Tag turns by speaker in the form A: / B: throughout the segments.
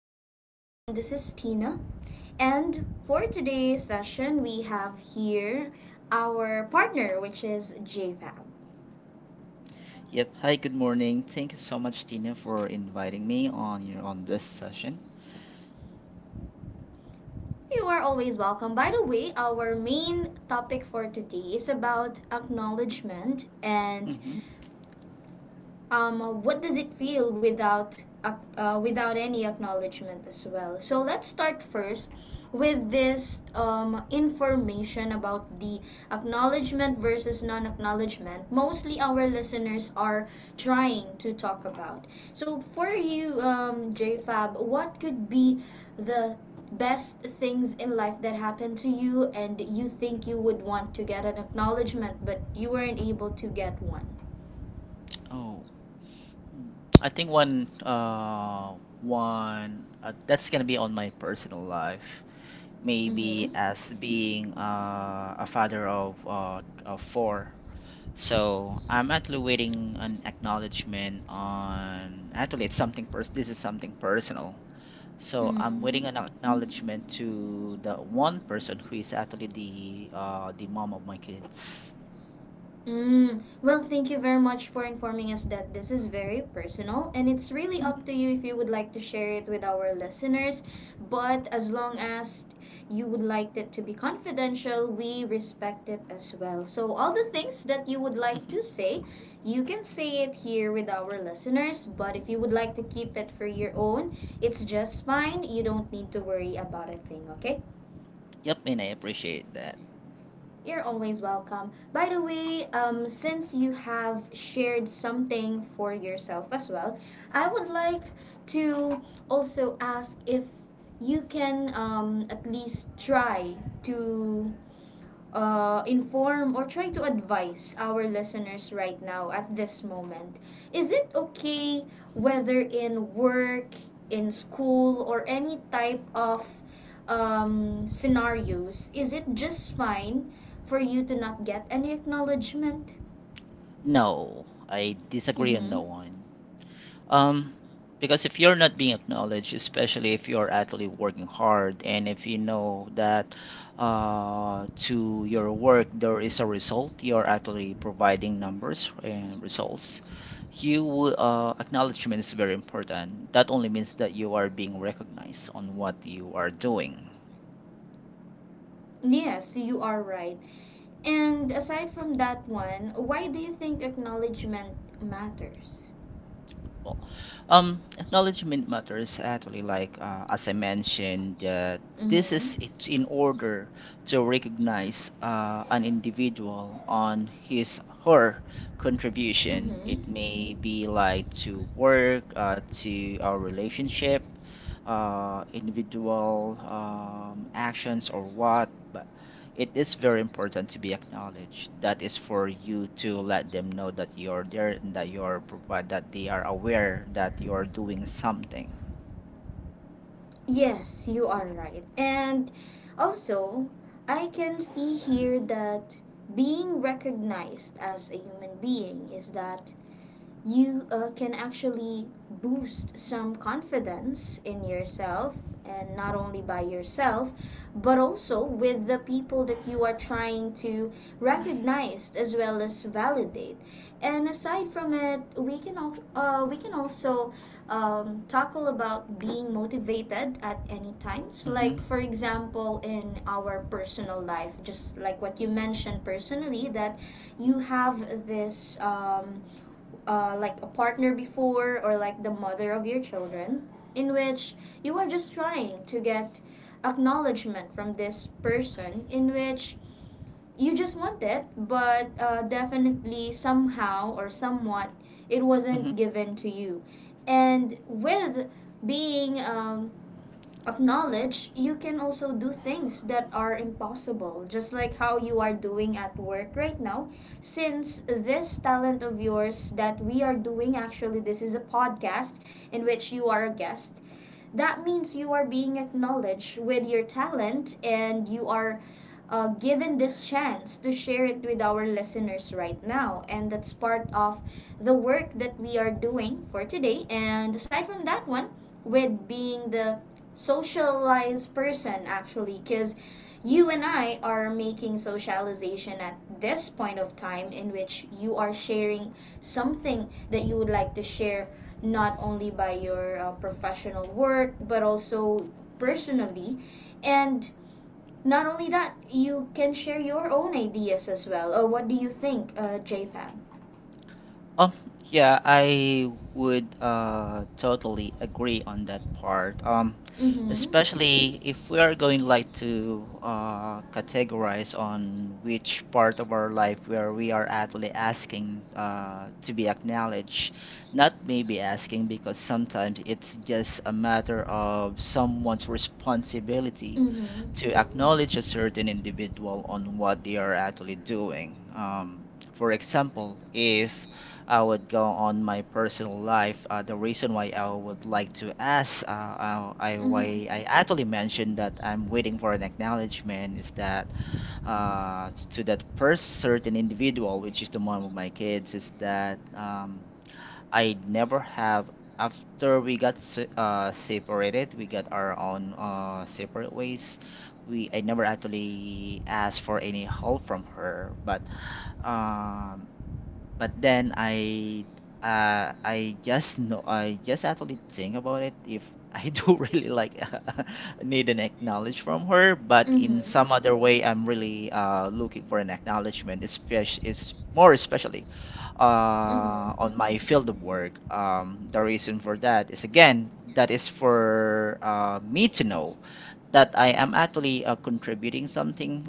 A: back, and again, this is Tina. And for today's session, we have here our partner, which is J JFAM.
B: Yep. Hi, good morning. Thank you so much, Tina, for inviting me on your on this session.
A: You are always welcome. By the way, our main topic for today is about acknowledgement and
B: Mm-hmm.
A: what does it feel without without any acknowledgement as well? So let's start first with this information about the acknowledgement versus non-acknowledgement. Mostly our listeners are trying to talk about. So for you, JFab, what could be the best things in life that happened to you and you think you would want to get an acknowledgement but you weren't able to get one?
B: Oh, Mm. I think one one that's gonna be on my personal life. Maybe
A: Mm-hmm.
B: as being a father of four. So I'm actually waiting an acknowledgement on actually it's something pers this is something personal. So I'm
A: Mm.
B: waiting an acknowledgement to the one person who is actually the mom of my kids.
A: Mm, well, thank you very much for informing us that this is very personal and it's really up
B: Hmm.
A: to you if you would like to share it with our listeners. But as long as you would like it to be confidential, we respect it as well. So, all the things that you would like
B: Hmm.
A: to say, you can say it here with our listeners. But if you would like to keep it for your own, it's just fine. You don't need to worry about a thing, okay?
B: Yep, and I appreciate that.
A: You're always welcome. By the way, since you have shared something for yourself as well, I would like to also ask if you can at least try to inform or try to advise our listeners right now at this moment? Is it okay whether in work, in school, or any type of scenarios? Is it just fine for you to not get any acknowledgement?
B: No, I disagree on
A: Mm-hmm.
B: that one. Um, because if you're not being acknowledged, especially if you're actually working hard and if you know that to your work there is a result, you're actually providing numbers and results, you acknowledgement is very important. That only means that you are being recognized on what you are doing.
A: Yes, you are right. And aside from that one, why do you think acknowledgement matters?
B: Well, acknowledgement matters actually as I mentioned that this
A: Mm-hmm.
B: is it's in order to recognize an individual on his her contribution.
A: Mm-hmm.
B: It may be like to work, to our relationship, individual actions or what, but it is very important to be acknowledged. That is for you to let them know that you're there and that you're provide that they are aware that you're doing something.
A: Yes, you are right. And also, I can see here that being recognized as a human being is that you can actually boost some confidence in yourself and not only by yourself but also with the people that you are trying to recognize as well as validate, and aside from it we can we can also tackle about being motivated at any times.
B: Mm-hmm.
A: Like for example, in our personal life, just like what you mentioned personally, that you have this like a partner before or like the mother of your children, in which you are just trying to get acknowledgement from this person, in which you just want it, but definitely somehow or somewhat it
B: Mm-hmm.
A: wasn't given to you. And with being acknowledged, you can also do things that are impossible, just like how you are doing at work right now. Since this talent of yours that we are doing, actually, this is a podcast in which you are a guest, that means you are being acknowledged with your talent and you are given this chance to share it with our listeners right now. And that's part of the work that we are doing for today. And aside from that one, with being the socialized person, actually, because you and I are making socialization at this point of time in which you are sharing something that you would like to share not only by your professional work but also personally, and not only that, you can share your own ideas as well. What do you think, jfab?
B: Um, yeah, I would totally agree on that part.
A: Mm-hmm.
B: Especially if we are going like to categorize on which part of our life where we are actually asking to be acknowledged. Not maybe asking, because sometimes it's just a matter of someone's responsibility
A: Mm-hmm.
B: to acknowledge a certain individual on what they are actually doing. For example, if I would go on my personal life. The reason why I would like to ask, I
A: Mm-hmm.
B: why I actually mentioned that I'm waiting for an acknowledgement is that to that first certain individual, which is the mom of my kids, is that I never have, after we separated, we got our own separate ways. We I never actually asked for any help from her, um, but then I just know, I just actually think about it if I do really like need an acknowledge from her, but in some other way I'm really looking for an acknowledgement, especially is more especially
A: Mm-hmm.
B: on my field of work. The reason for that is again that is for me to know that I am actually contributing something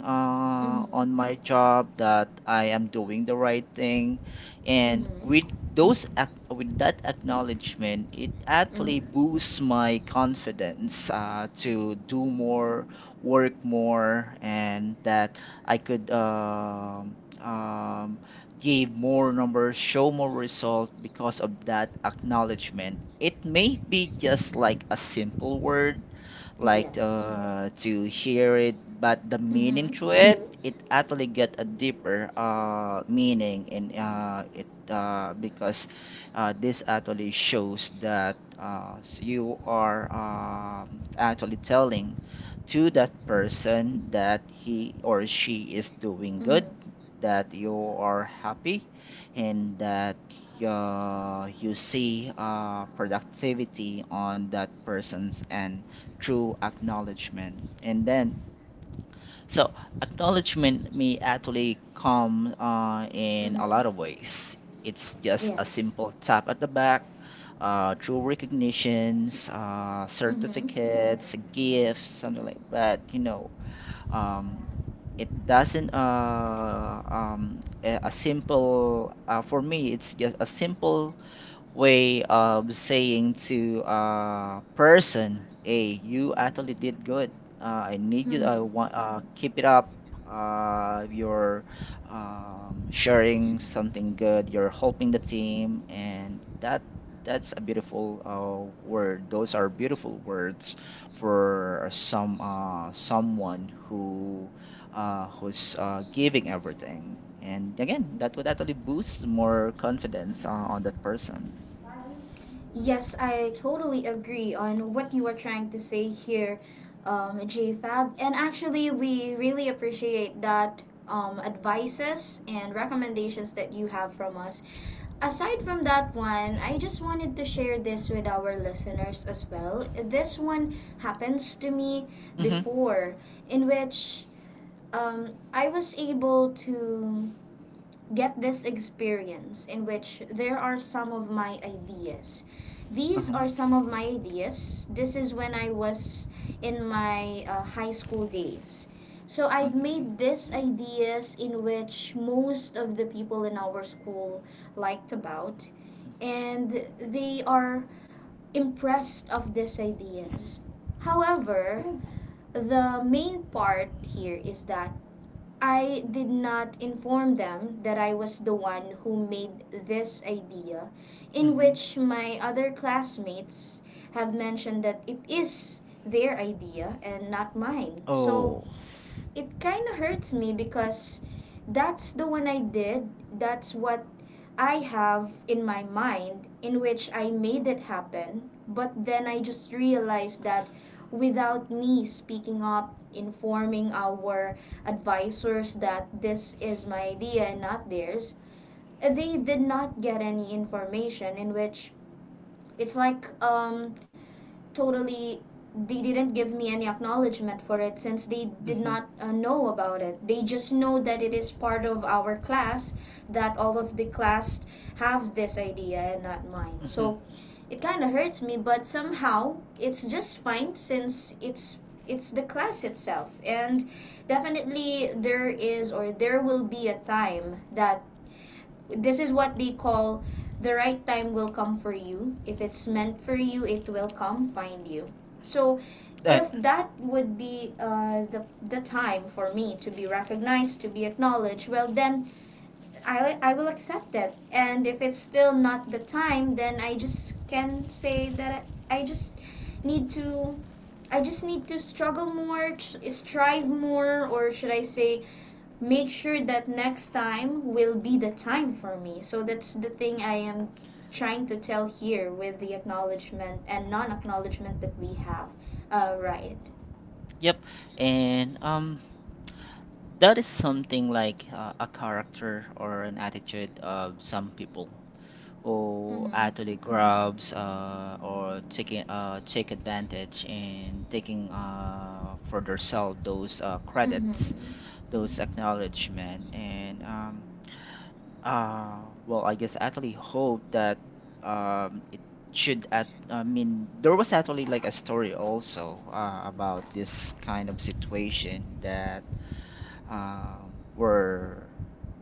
A: Mm-hmm. Mm-hmm.
B: on my job, that I am doing the right thing, and with
A: Mm-hmm.
B: with that acknowledgement it
A: Mm-hmm.
B: actually boosts my confidence to do more, work more, and that I could um, give more numbers, show more result because of that acknowledgement. It may be just like a simple word like
A: Yes.
B: to hear it, but the meaning
A: Mm-hmm.
B: to it, it actually get a deeper meaning in it, because this actually shows that you are actually telling to that person that he or she is doing
A: Mm-hmm.
B: good, that you are happy, and that you see productivity on that person's end true acknowledgement. And then, so, acknowledgement may actually come in a
A: Mm-hmm.
B: lot of ways. It's just a
A: Yes.
B: simple tap at the back, true recognitions,
A: Mm-hmm.
B: certificates, gifts, something like that um, it doesn't a simple, for me it's just a simple way of saying to a person, "Hey, you actually did good. I need you. I
A: Mm-hmm.
B: want uh, Mm-hmm. keep it up. You're sharing something good. You're helping the team, and that's a beautiful word. Those are beautiful words for someone who who's giving everything. And again, that would actually boost more confidence on that person."
A: Yes, I totally agree on what you are trying to say here, JFab. And actually, we really appreciate that advices and recommendations that you have from us. Aside from that one, I just wanted to share this with our listeners as well. This one happens to me
B: Mm-hmm.
A: before, in which I was able to get this experience in which there are some of my ideas. These
B: Uh-huh.
A: are some of my ideas. This is when I was in my high school days. So I've
B: Okay.
A: made these ideas, in which most of the people in our school liked about, and they are impressed of these ideas. However, the main part here is that I did not inform them that I was the one who made this idea, in
B: Mm-hmm.
A: which my other classmates have mentioned that it is their idea and not mine. So
B: Oh.
A: it kind of hurts me because that's the one I did. That's what I have in my mind, in which I made it happen. But then I just realized that without me speaking up, informing our advisors that this is my idea and not theirs, they did not get any information, in which it's like totally they didn't give me any acknowledgement for it, since they did
B: Mm-hmm.
A: not know about it. They just know that it is part of our class, that all of the class have this idea and not mine.
B: Mm-hmm.
A: So it kind of hurts me, but somehow it's just fine since it's the class itself, and definitely there is or there will be a time that this is what they call the right time will come for you. If it's meant for you, it will come find you. So,
B: That.
A: if that would be the time for me to be recognized, to be acknowledged, well, then I will accept it. And if it's still not the time, then I just can say that just need to. I just need to struggle more, strive more, or should I say, make sure that next time will be the time for me. So that's the thing I am trying to tell here with the acknowledgement and non acknowledgement that we have. Right.
B: Yep. And that is something like a character or an attitude of some people
A: Mm
B: who
A: hmm.
B: actually grabs or taking take advantage and taking for themselves those
A: Mm hmm.
B: credits, those acknowledgement, and Uh, well, I guess I actually hope that it should at I mean there was actually like a story also about this kind of situation that where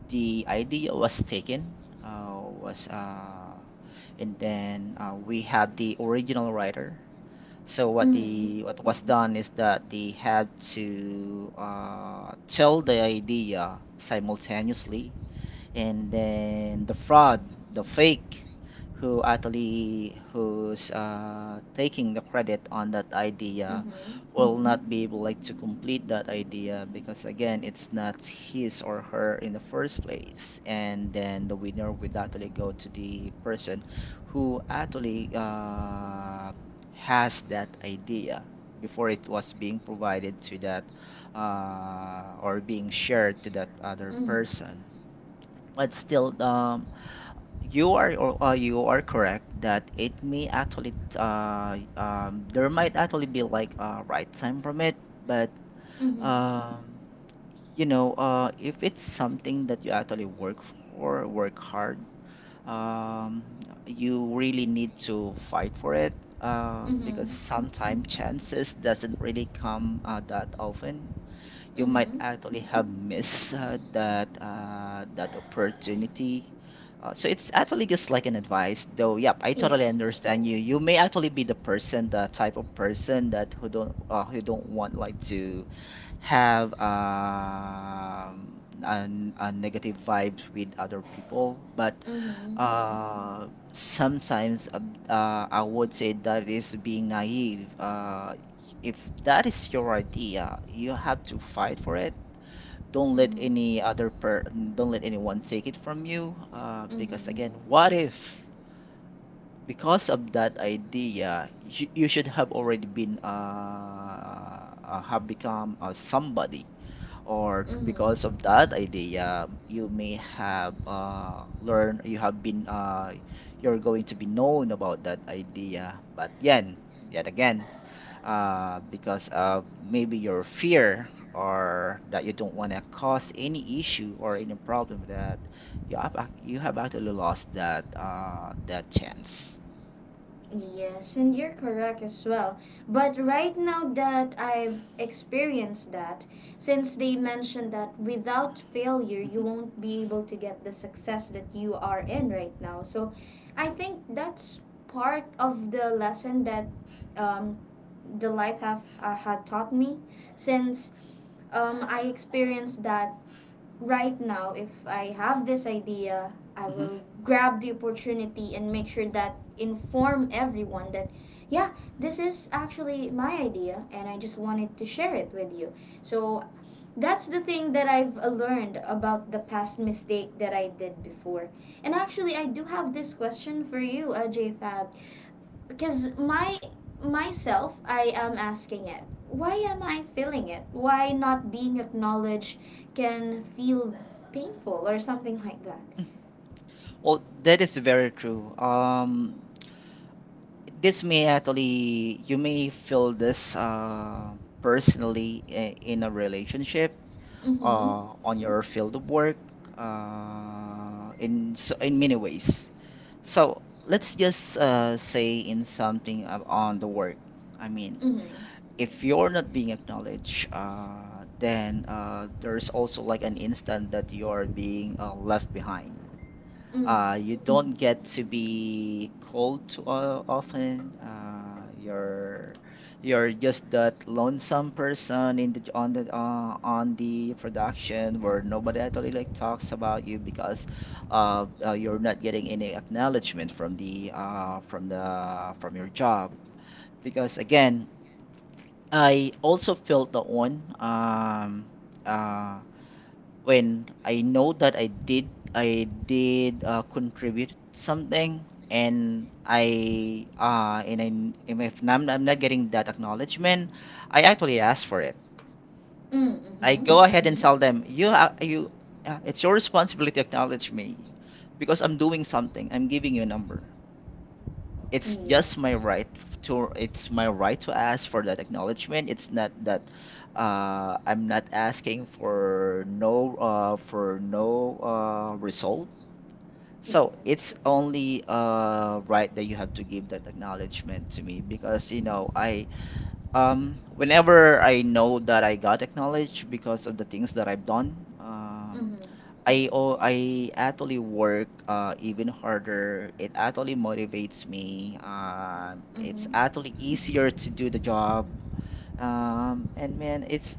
B: the idea was taken was and then we have the original writer. So
A: Mm hmm.
B: what was done is that they had to tell the idea simultaneously, and then the fraud, the fake, who's taking the credit on that
A: Mm
B: idea
A: hmm.
B: will not be able like to complete that idea because again it's not his or her in the first place, and then the winner would actually go to the person who actually has that idea before it was being provided to that, or being shared to that other person. But still, you are, or you are correct that it may actually there might actually be like a right time from it, but
A: Mm hmm. Mm hmm.
B: um you know, if it's something that you actually work for, work hard, um you really need to fight for it,
A: Mm hmm.
B: because sometimes chances doesn't really come that often. You
A: Mm
B: might
A: hmm.
B: actually have missed that opportunity. So it's actually just like an advice, though. Yep, I totally
A: Yes.
B: understand you. You may actually be the person, the type of person that who don't want like to have a negative vibes with other people. But
A: Mm hmm.
B: sometimes, I would say that is being naive. If that is your idea, you have to fight for it. Don't
A: Mm
B: let
A: hmm.
B: any other per Don't let anyone take it from you.
A: Mm
B: Because
A: hmm.
B: again, what if because of that idea, you should have already been have become somebody, or
A: Mm
B: because
A: hmm.
B: of that idea you may have learned you have been you're going to be known about that idea, but yan yet again, because of maybe your fear or that you don't want to cause any issue or any problem, that you have actually lost that chance.
A: Yes, and you're correct as well. But right now that I've experienced that, since they mentioned that without failure, you
B: Mhm,
A: won't be able to get the success that you are in right now. So I think that's part of the lesson that um, the life have had taught me, since I experienced that, right now, if I have this idea, I
B: mhm.
A: will grab the opportunity and make sure that inform everyone that, yeah, this is actually my idea and I just wanted to share it with you. So that's the thing that I've learned about the past mistake that I did before. And actually, I do have this question for you, J Fab, because my myself I am asking it, why am I feeling it, why not being acknowledged can feel painful or something like that?
B: Well, that is very true. This may actually you may feel this personally, in a relationship,
A: Mm-hmm.
B: on your field of work, in, so in many ways. So let's just say in something on the work, I mean,
A: Mm-hmm.
B: if you're not being acknowledged, then there's also like an instant that you're being left behind.
A: Mm.
B: You don't get to be called too often. You're just that lonesome person in the on the on the production where nobody actually like talks about you because you're not getting any acknowledgement from the from the from your job. Because again, I also felt that one. Uh, when I know that I did contribute something, and I, if I'm not getting that acknowledgement, I actually ask for it.
A: Mm.
B: I
A: Mm-hmm.
B: go ahead and tell them, you you it's your responsibility to acknowledge me because I'm doing something. I'm giving you a number. It's just my
A: Yes.
B: right to it's my right to ask for that acknowledgement. It's not that I'm not asking for for no result. So it's
A: Yes.
B: only right that you have to give that acknowledgement to me, because you know, I whenever I know that I got acknowledged because of the things that I've done,
A: Mm-hmm.
B: I actually work even harder. It actually motivates me. It's
A: Mm-hmm.
B: actually easier to do the job. And man, it's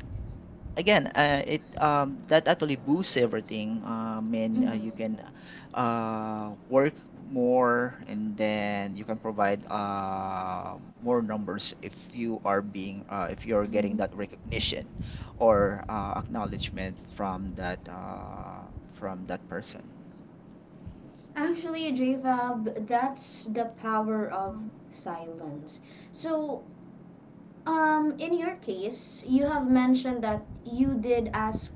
B: again, it that actually boosts everything. And
A: Mm-hmm.
B: you can work more, and then you can provide more numbers if you are being if you're getting
A: Mm-hmm.
B: that recognition or acknowledgement from that person.
A: Actually, jvab, that's the power of silence. So in your case, you have mentioned that you did ask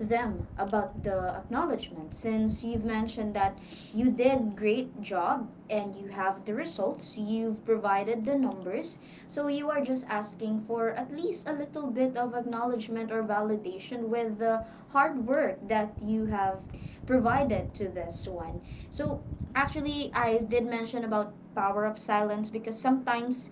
A: them about the acknowledgement, since you've mentioned that you did great job and you have the results, you've provided the numbers. So you are just asking for at least a little bit of acknowledgement or validation with the hard work that you have provided to this one. So actually I did mention about power of silence, because sometimes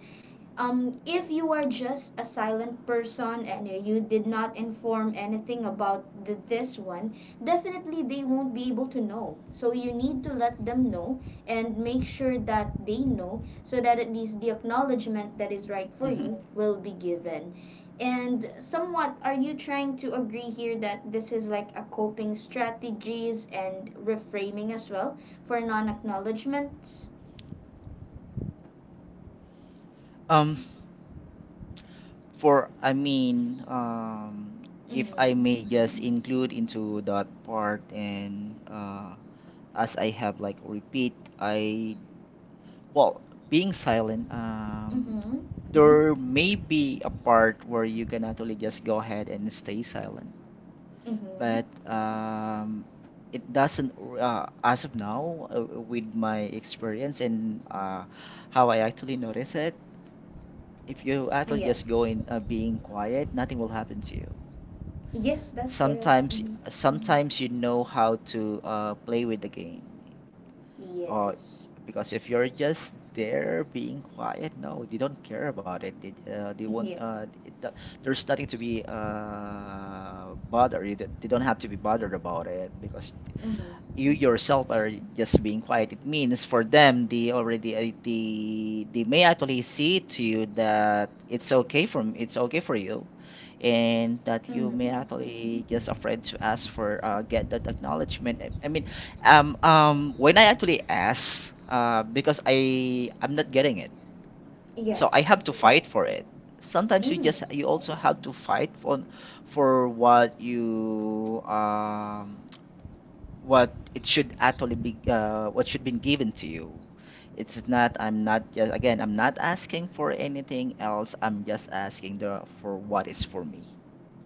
A: if you are just a silent person and you did not inform anything about this one, definitely they won't be able to know. So you need to let them know and make sure that they know so that at least the acknowledgement that is right for
B: Mhm.
A: you will be given. And somewhat, are you trying to agree here that this is like a coping strategies and reframing as well for non acknowledgements?
B: Um, For, I mean, if I may
A: Mm-hmm.
B: just include into that part, and as I have like repeat, well, being silent,
A: Mm-hmm.
B: there may be a part where you can actually just go ahead and stay silent. But
A: Mm-hmm.
B: it doesn't, as of now, with my experience, and how I actually notice it, if you actually just
A: Yes.
B: go in being quiet, nothing will happen to you.
A: Yes, that's correct.
B: Sometimes,
A: Mhm.
B: sometimes you know how to play with the game, or,
A: Yes.
B: because if you're just there being quiet, no, they don't care about it. They won't.
A: Yes.
B: It, do- There's nothing to be bothered. You don't- They don't have to be bothered about it, because
A: Mhm.
B: you yourself are just being quiet. It means for them, they already they may actually see to you that it's okay for you, and that you may
A: Mm.
B: actually just afraid to ask for get that acknowledgement. When I actually ask, because I'm not getting it, so I
A: Yes.
B: have to fight for it. Sometimes you
A: Mm.
B: just you also have to fight for what you what it should actually be what should be given to you. It's not, I'm not, just again, I'm not asking for anything else. I'm just asking the for what is for me.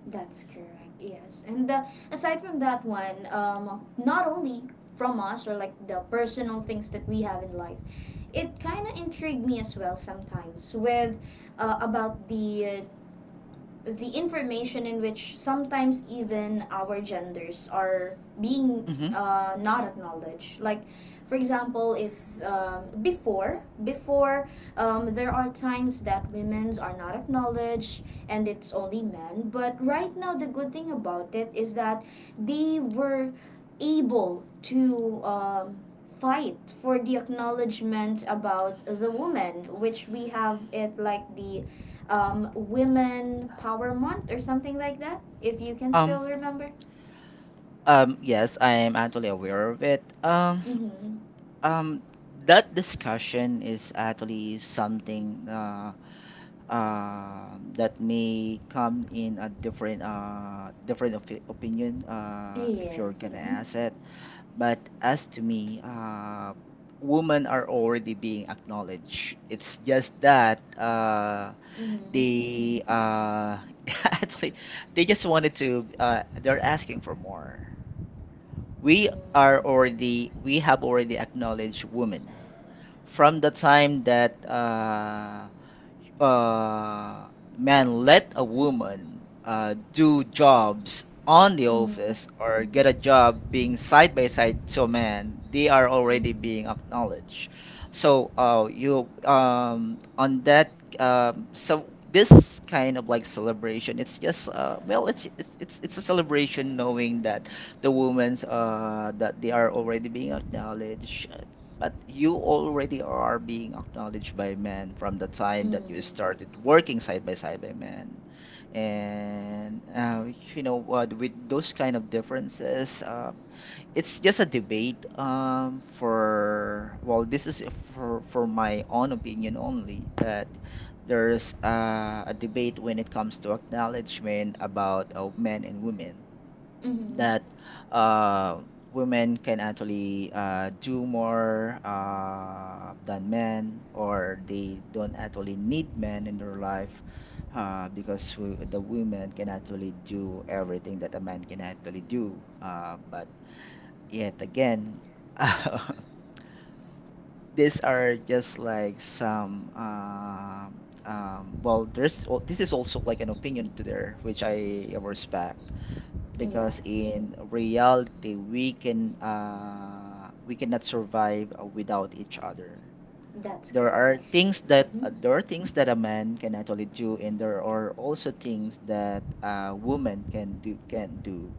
A: That's correct. Yes. And aside from that one, not only from us or like the personal things that we have in life, it kind of intrigued me as well sometimes with about the information in which sometimes even our genders are being
B: Mm-hmm.
A: not acknowledged. Like, for example, if before there are times that women's are not acknowledged and it's only men. But right now the good thing about it is that they were able to fight for the acknowledgement about the woman, which we have it like the Women Power Month or something like that, if you can
B: um
A: still remember.
B: yes, I am actually aware of it.
A: Mm-hmm.
B: Um that discussion is actually something that may come in a different different opinion, if you're
A: Yes.
B: gonna
A: Mm-hmm.
B: ask it. But as to me, women are already being acknowledged. It's just that
A: Mm-hmm.
B: they actually they just wanted to. They're asking for more. We are already. We have already acknowledged women from the time that uh, man let a woman do jobs on the
A: Mm-hmm.
B: office or get a job being side by side to a man, they are already
A: Mm-hmm.
B: being acknowledged. So you on that so This kind of like celebration, it's just well, it's a celebration knowing that the women's that they are already being acknowledged. But you already are being acknowledged by men from the time that you
A: Mm-hmm.
B: started working side by side by men. And you know what, with those kind of differences, it's just a debate, for, well, this is for my own opinion only, that there's a debate when it comes to acknowledgement about men and women,
A: Mm-hmm.
B: that uh, women can actually do more than men, or they don't actually need men in their life, because the women can actually do everything that a man can actually do. But yet again, these are just like some. Well, this is also like an opinion to there, which I respect because
A: Yes,
B: in reality we cannot survive without each other.
A: that's
B: There are
A: correct.
B: things that
A: Mm-hmm.
B: there are things that a man can actually do, and there are also things that a woman can do.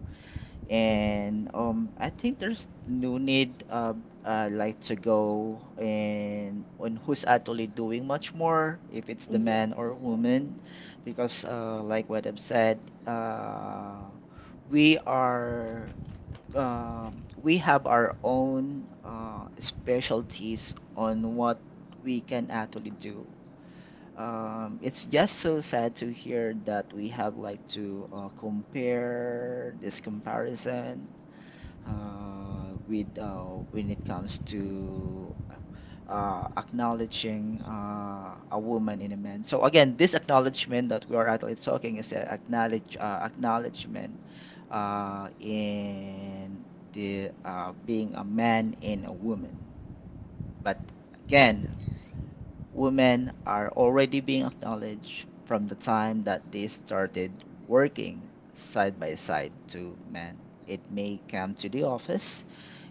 A: Mm-hmm.
B: And I think there's no need, like to go and on who's actually doing much more, if it's the man
A: Yes,
B: or woman, because like what I've said, uh we are uh, we have our own specialties on what we can actually do. Um, it's just so sad to hear that we have like to compare this comparison, with when it comes to acknowledging a woman in a man. So again, this acknowledgement that we are actually talking is a acknowledgement in the being a man in a woman. But again, women are already being acknowledged from the time that they started working side by side to men. It may come to the office,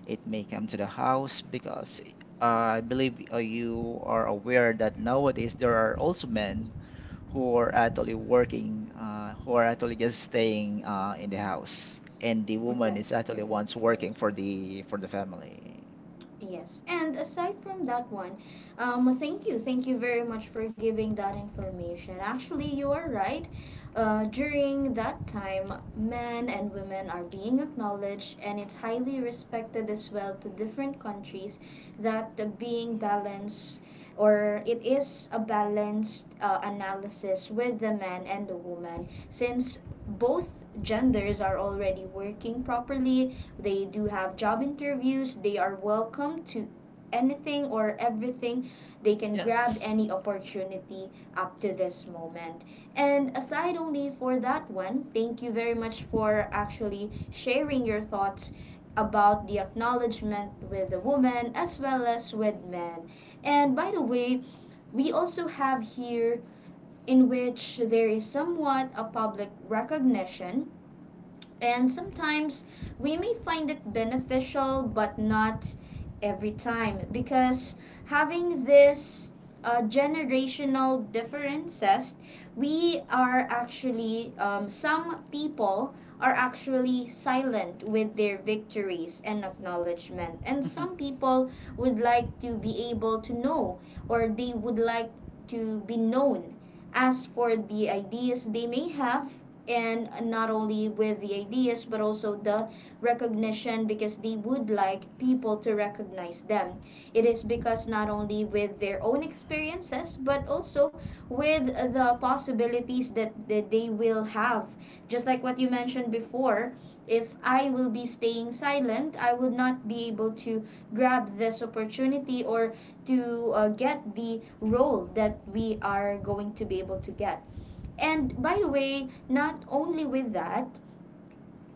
B: it may come to the house, because I believe you are aware that nowadays there are also men who are actually working, who are actually just staying in the house, and the woman is
A: that's
B: actually
A: correct.
B: once working for the family.
A: Yes, and aside from that one, thank you very much for giving that information. Actually, you are right. During that time, men and women are being acknowledged, and it's highly respected as well to different countries, that the being balanced or it is a balanced analysis with the man and the woman, since both genders are already working properly. They do have job interviews. They are welcome to anything or everything. They can grab
B: Yes.
A: any opportunity up to this moment. And aside only for that one, thank you very much for actually sharing your thoughts about the acknowledgement with the woman as well as with men. And by the way, we also have here in which there is somewhat a public recognition, and sometimes we may find it beneficial, but not every time because having this generational differences, we are actually, some people are actually silent with their victories and acknowledgement. And
B: Mhm.
A: some people would like to be able to know, or they would like to be known as for the ideas they may have, and not only with the ideas but also the recognition, because they would like people to recognize them. It is because not only with their own experiences but also with the possibilities that they will have, just like what you mentioned before. If I will be staying silent, I would not be able to grab this opportunity or to get the role that we are going to be able to get. And by the way, not only with that,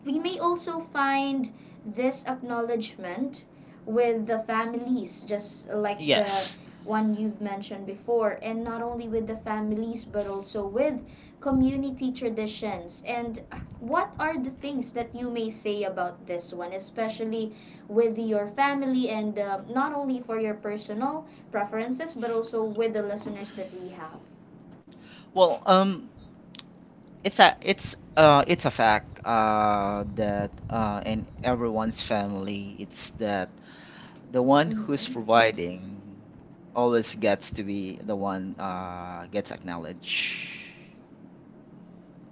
A: we may also find this acknowledgement with the families, just like the
B: Yes.
A: one you've mentioned before, and not only with the families, but also with community traditions. And what are the things that you may say about this one, especially with your family, and not only for your personal preferences, but also with the listeners that we have?
B: Well, it's a it's a fact that in everyone's family, it's that the one who's
A: Mm-hmm.
B: providing always gets to be the one gets acknowledged.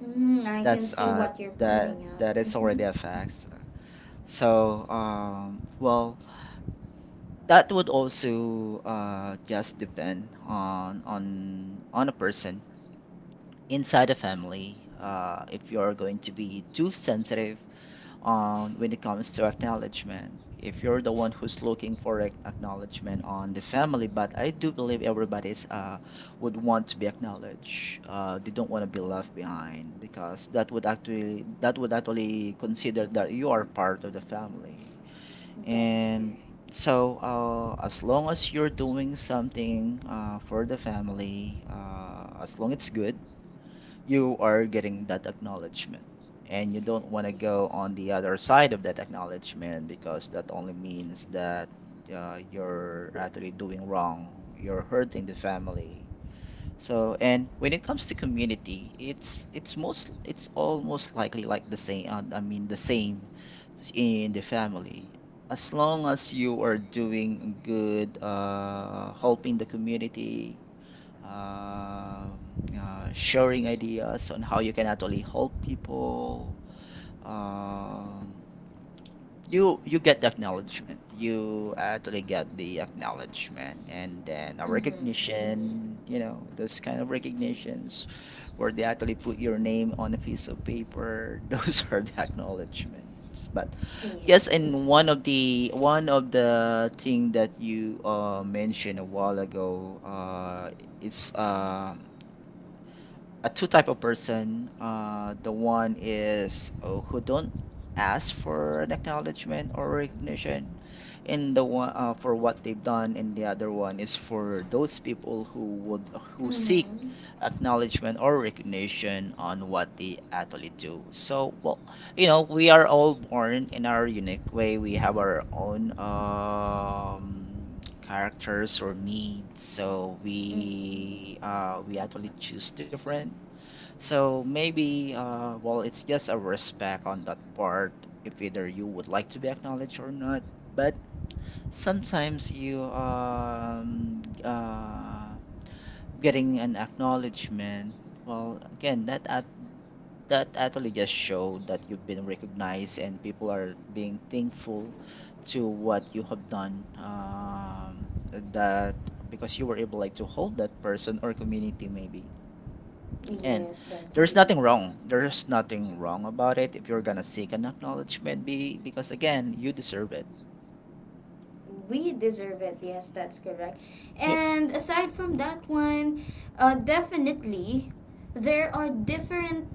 A: Mm, I can
B: That's
A: see
B: uh
A: what you're pointing out.
B: that is
A: Mm-hmm.
B: already a fact. So well, that would also just depend on on a person inside a family. Uh, if you're going to be too sensitive when it comes to acknowledgement. If you're the one who's looking for acknowledgement on the family, but I do believe everybody's, would want to be acknowledged. They don't want to be
A: Mm.
B: left behind because that would actually consider that you are part of the family.
A: That's correct.
B: And so, as long as you're doing something for the family, as long it's good, you are getting that acknowledgement, and you don't want to go
A: Yes.
B: on the other side of that acknowledgement because that only means that you're actually doing wrong, you're hurting the family. So, and when it comes to community, it's most it's almost likely like the same, I mean the same in the family. As long as you are doing good, helping the community, um, sharing ideas on how you can actually help people. Um, you get the acknowledgement. You actually get the acknowledgement and then a
A: Mm-hmm.
B: recognition. You know, those kind of recognitions where they actually put your name on a piece of paper. Those are the acknowledgements. But yes,
A: Yes.
B: and one of the thing that you mentioned a while ago, is a two type of person. The one is, who don't ask for an acknowledgement or recognition, in the one, for what they've done, and the other one is for those people who would, who seek
A: Mm-hmm.
B: acknowledgement or recognition on what they actually do. So, well, you know, we are all born in our unique way. We have our own characters or needs. So
A: Mm-hmm.
B: we actually choose different. So maybe, well, it's just a respect on that part, if either you would like to be acknowledged or not. But sometimes you getting an acknowledgement. Well, again, that actually just showed that you've been recognized and people are being thankful to what you have done. That because you were able like to hold that person or community maybe. And
A: Yes, that's
B: there's nothing
A: correct.
B: wrong. There's nothing wrong about it if you're gonna seek an acknowledgement, be because again, you deserve it.
A: We deserve it. Yes, that's correct.
B: Yeah.
A: And aside from that one, definitely there are different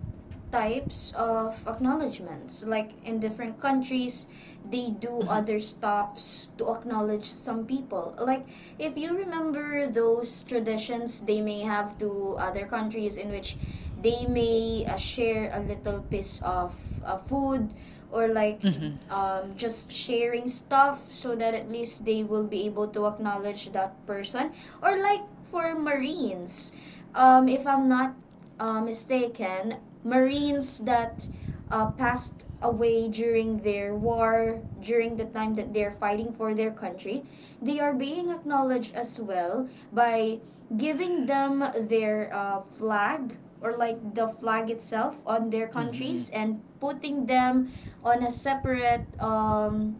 A: types of acknowledgments. Like in different countries, they do
B: Hmm.
A: other stuffs to acknowledge some people. Like if you remember those traditions they may have to other countries, in which they may share a little piece of food, or like
B: Hmm.
A: just sharing stuff so that at least they will be able to acknowledge that person, or like for marines, if I'm not mistaken, marines that passed away during their war, during the time that they're fighting for their country, they are being acknowledged as well by giving them their flag, or like the flag itself on their
B: Hmm.
A: countries, and putting them on a separate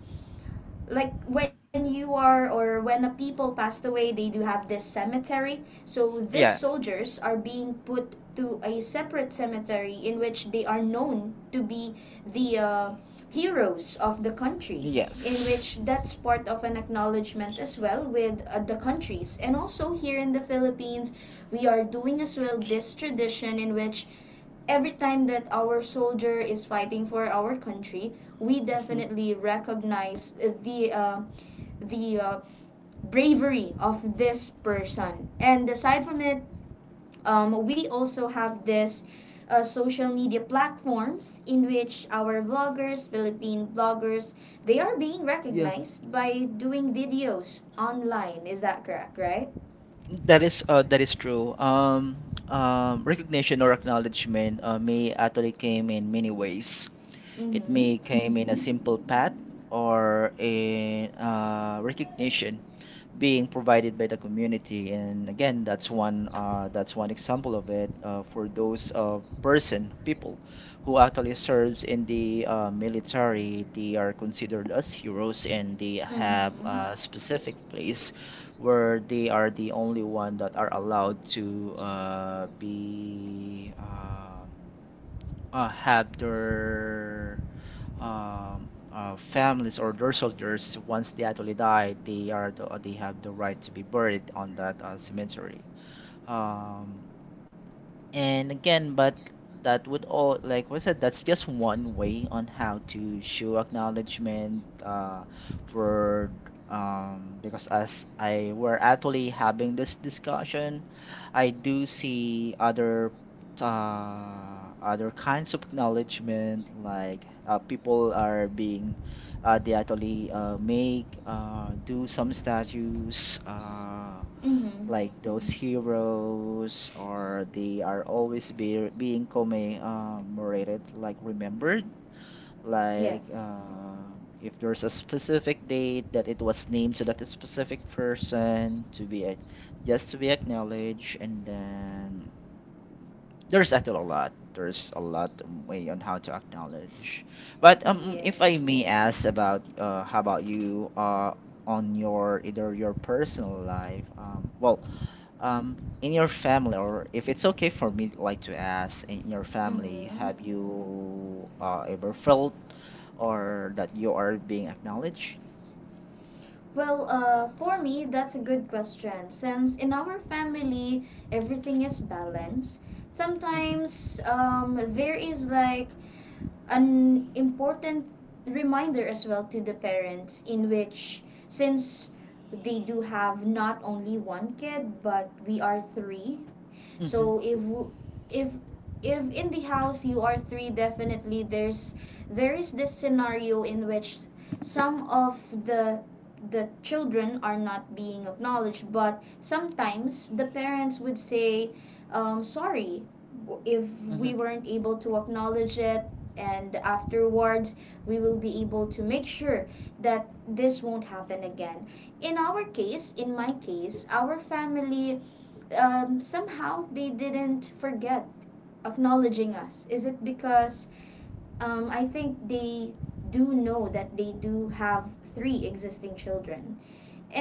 A: like when you are, or when a people passed away, they do have this cemetery, so these
B: Yeah.
A: soldiers are being put to a separate cemetery in which they are known to be the heroes of the country, in
B: Yes.
A: which that's part of an acknowledgement as well with the countries. And also here in the Philippines, we are doing as well this tradition in which every time that our soldier is fighting for our country, we
B: Hmm.
A: definitely recognize the uh, the bravery of this person. And aside from it, we also have this social media platforms in which our vloggers, Philippine bloggers, they are being
B: Yep.
A: recognized by doing videos online. Is that correct? Right?
B: That is true. Recognition or acknowledgement may actually came in many ways. It
A: Mm-hmm.
B: may came in a simple pat or in recognition being provided by the community. And again, that's one example of it, for those, person people who actually serves in the military. They are considered as heroes, and they have
A: Mm-hmm.
B: a specific place where they are the only one that are allowed to be have their families or their soldiers. Once they actually die, they have the right to be buried on that cemetery. Um, and again, but that would all, like what I said, that's just one way on how to show acknowledgement, for, because as I were actually having this discussion, I do see other other kinds of acknowledgement, like people are being, do some statues,
A: Mm-hmm.
B: like those heroes, or they are being commemorated, like remembered, like
A: Yes.
B: if there's a specific date that it was named to that specific person to be just to be acknowledged. And then there's a lot of way on how to acknowledge. But if I
A: Yes.
B: may ask about, how about you, on your either your personal life, in your family, or if it's okay for me like to ask, in your family,
A: Mm-hmm.
B: have you ever felt or that you are being acknowledged?
A: Well, for me, that's a good question. Since in our family, everything is balanced.
B: Mm-hmm.
A: Sometimes there is like an important reminder as well to the parents, in which, since they do have not only one kid, but we are three,
B: Mm-hmm.
A: so if if in the house you are three, definitely there is this scenario in which some of the the children are not being acknowledged, but sometimes the parents would say, sorry if
B: Mm-hmm.
A: we weren't able to acknowledge it, and afterwards we will be able to make sure that this won't happen again. In our case, in my case, our family, somehow they didn't forget acknowledging us. Is it because I think they do know that they do have three existing children?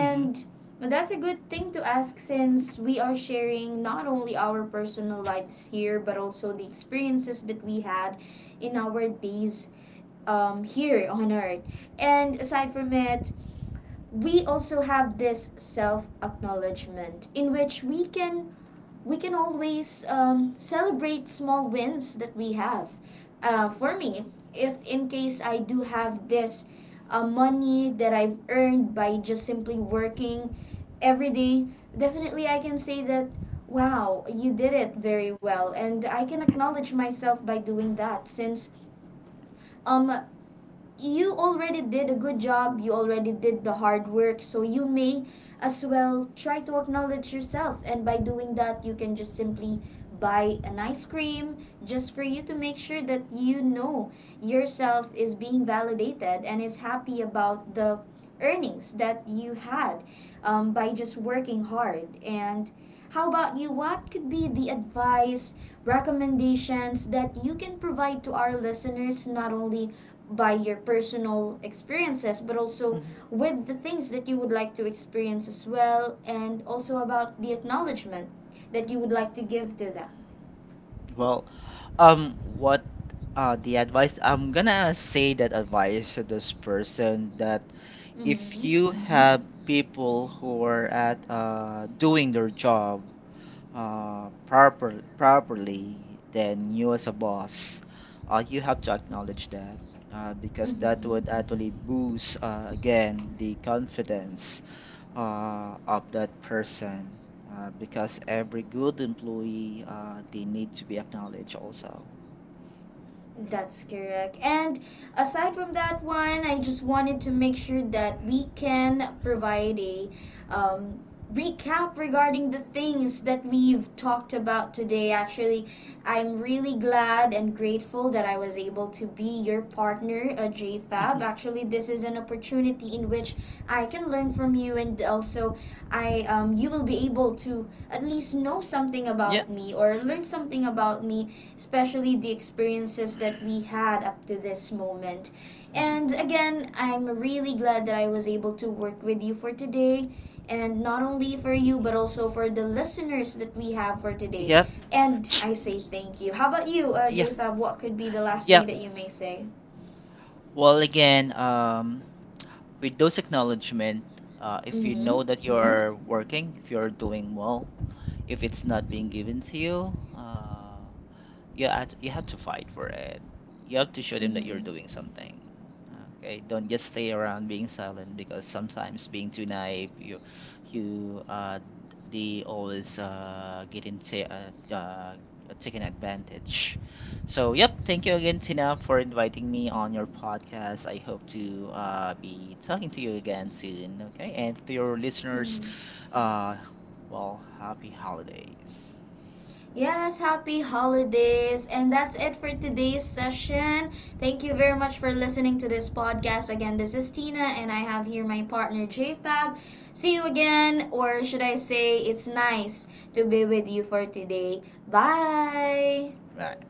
B: Mm-hmm.
A: that's a good thing to ask, since we are sharing not only our personal lives here but also the experiences that we had in our days here on earth. And aside from it, we also have this self acknowledgement in which we can always celebrate small wins that we have. For me, if in case I do have this money that I've earned by just simply working every day, definitely I can say that, wow, you did it very well. And I can acknowledge myself by doing that since um, you already did a good job, you already did the hard work, so you may as well try to acknowledge yourself. And by doing that, you can just simply buy an ice cream just for you to make sure that you know yourself is being validated and is happy about the earnings that you had by just working hard. And how about you? What could be the advice, recommendations that you can provide to our listeners, not only by your personal experiences, but also
B: Mm-hmm.
A: with the things that you would like to experience as well, and also about the acknowledgement that you would like to give to them.
B: Well, what the advice I'm gonna say that advice to this person, that if
A: Mm-hmm.
B: you have people who are at doing their job, properly, then you as a boss, you have to acknowledge that, because that
A: Mm-hmm.
B: would actually boost, again, the confidence of that person. Because every good employee, they need to be acknowledged also.
A: That's correct. And aside from that one, I just wanted to make sure that we can provide a um, recap regarding the things that we've talked about today. Actually, I'm really glad and grateful that I was able to be your partner, J Fab.
B: Mhm.
A: Actually, this is an opportunity in which I can learn from you, and also I, you will be able to at least know something
B: Yeah.
A: about me or learn something about me, especially the experiences that we had up to this moment. And again, I'm really glad that I was able to work with you for today, and not only for you, but also
B: Yes.
A: for the listeners that we have for today.
B: Yep.
A: And I say thank you. How about you,
B: Yeah.
A: JFab? What could be the last thing that
B: Yep.
A: you may say?
B: Well, again, with those acknowledgement, if
A: Mm
B: you
A: hmm.
B: know that you're working, if you're doing well, if it's not being given to you, you have, you have to fight for it. You have to show
A: Mm
B: them that you're
A: hmm.
B: doing something. Okay, don't just stay around being silent, because sometimes being too naive, you you uh they always get into taken advantage. So yep, thank you again Tina for inviting me on your podcast. I hope to be talking to you again soon. Okay, and to your
A: Mm
B: listeners,
A: hmm.
B: uh, well, happy holidays.
A: Yes, happy holidays. And that's it for today's session. Thank you very much for listening to this podcast. Again, this is Tina, and I have here my partner JFab. See you again, or should I say, it's nice to be with you for today. Bye.
B: Right.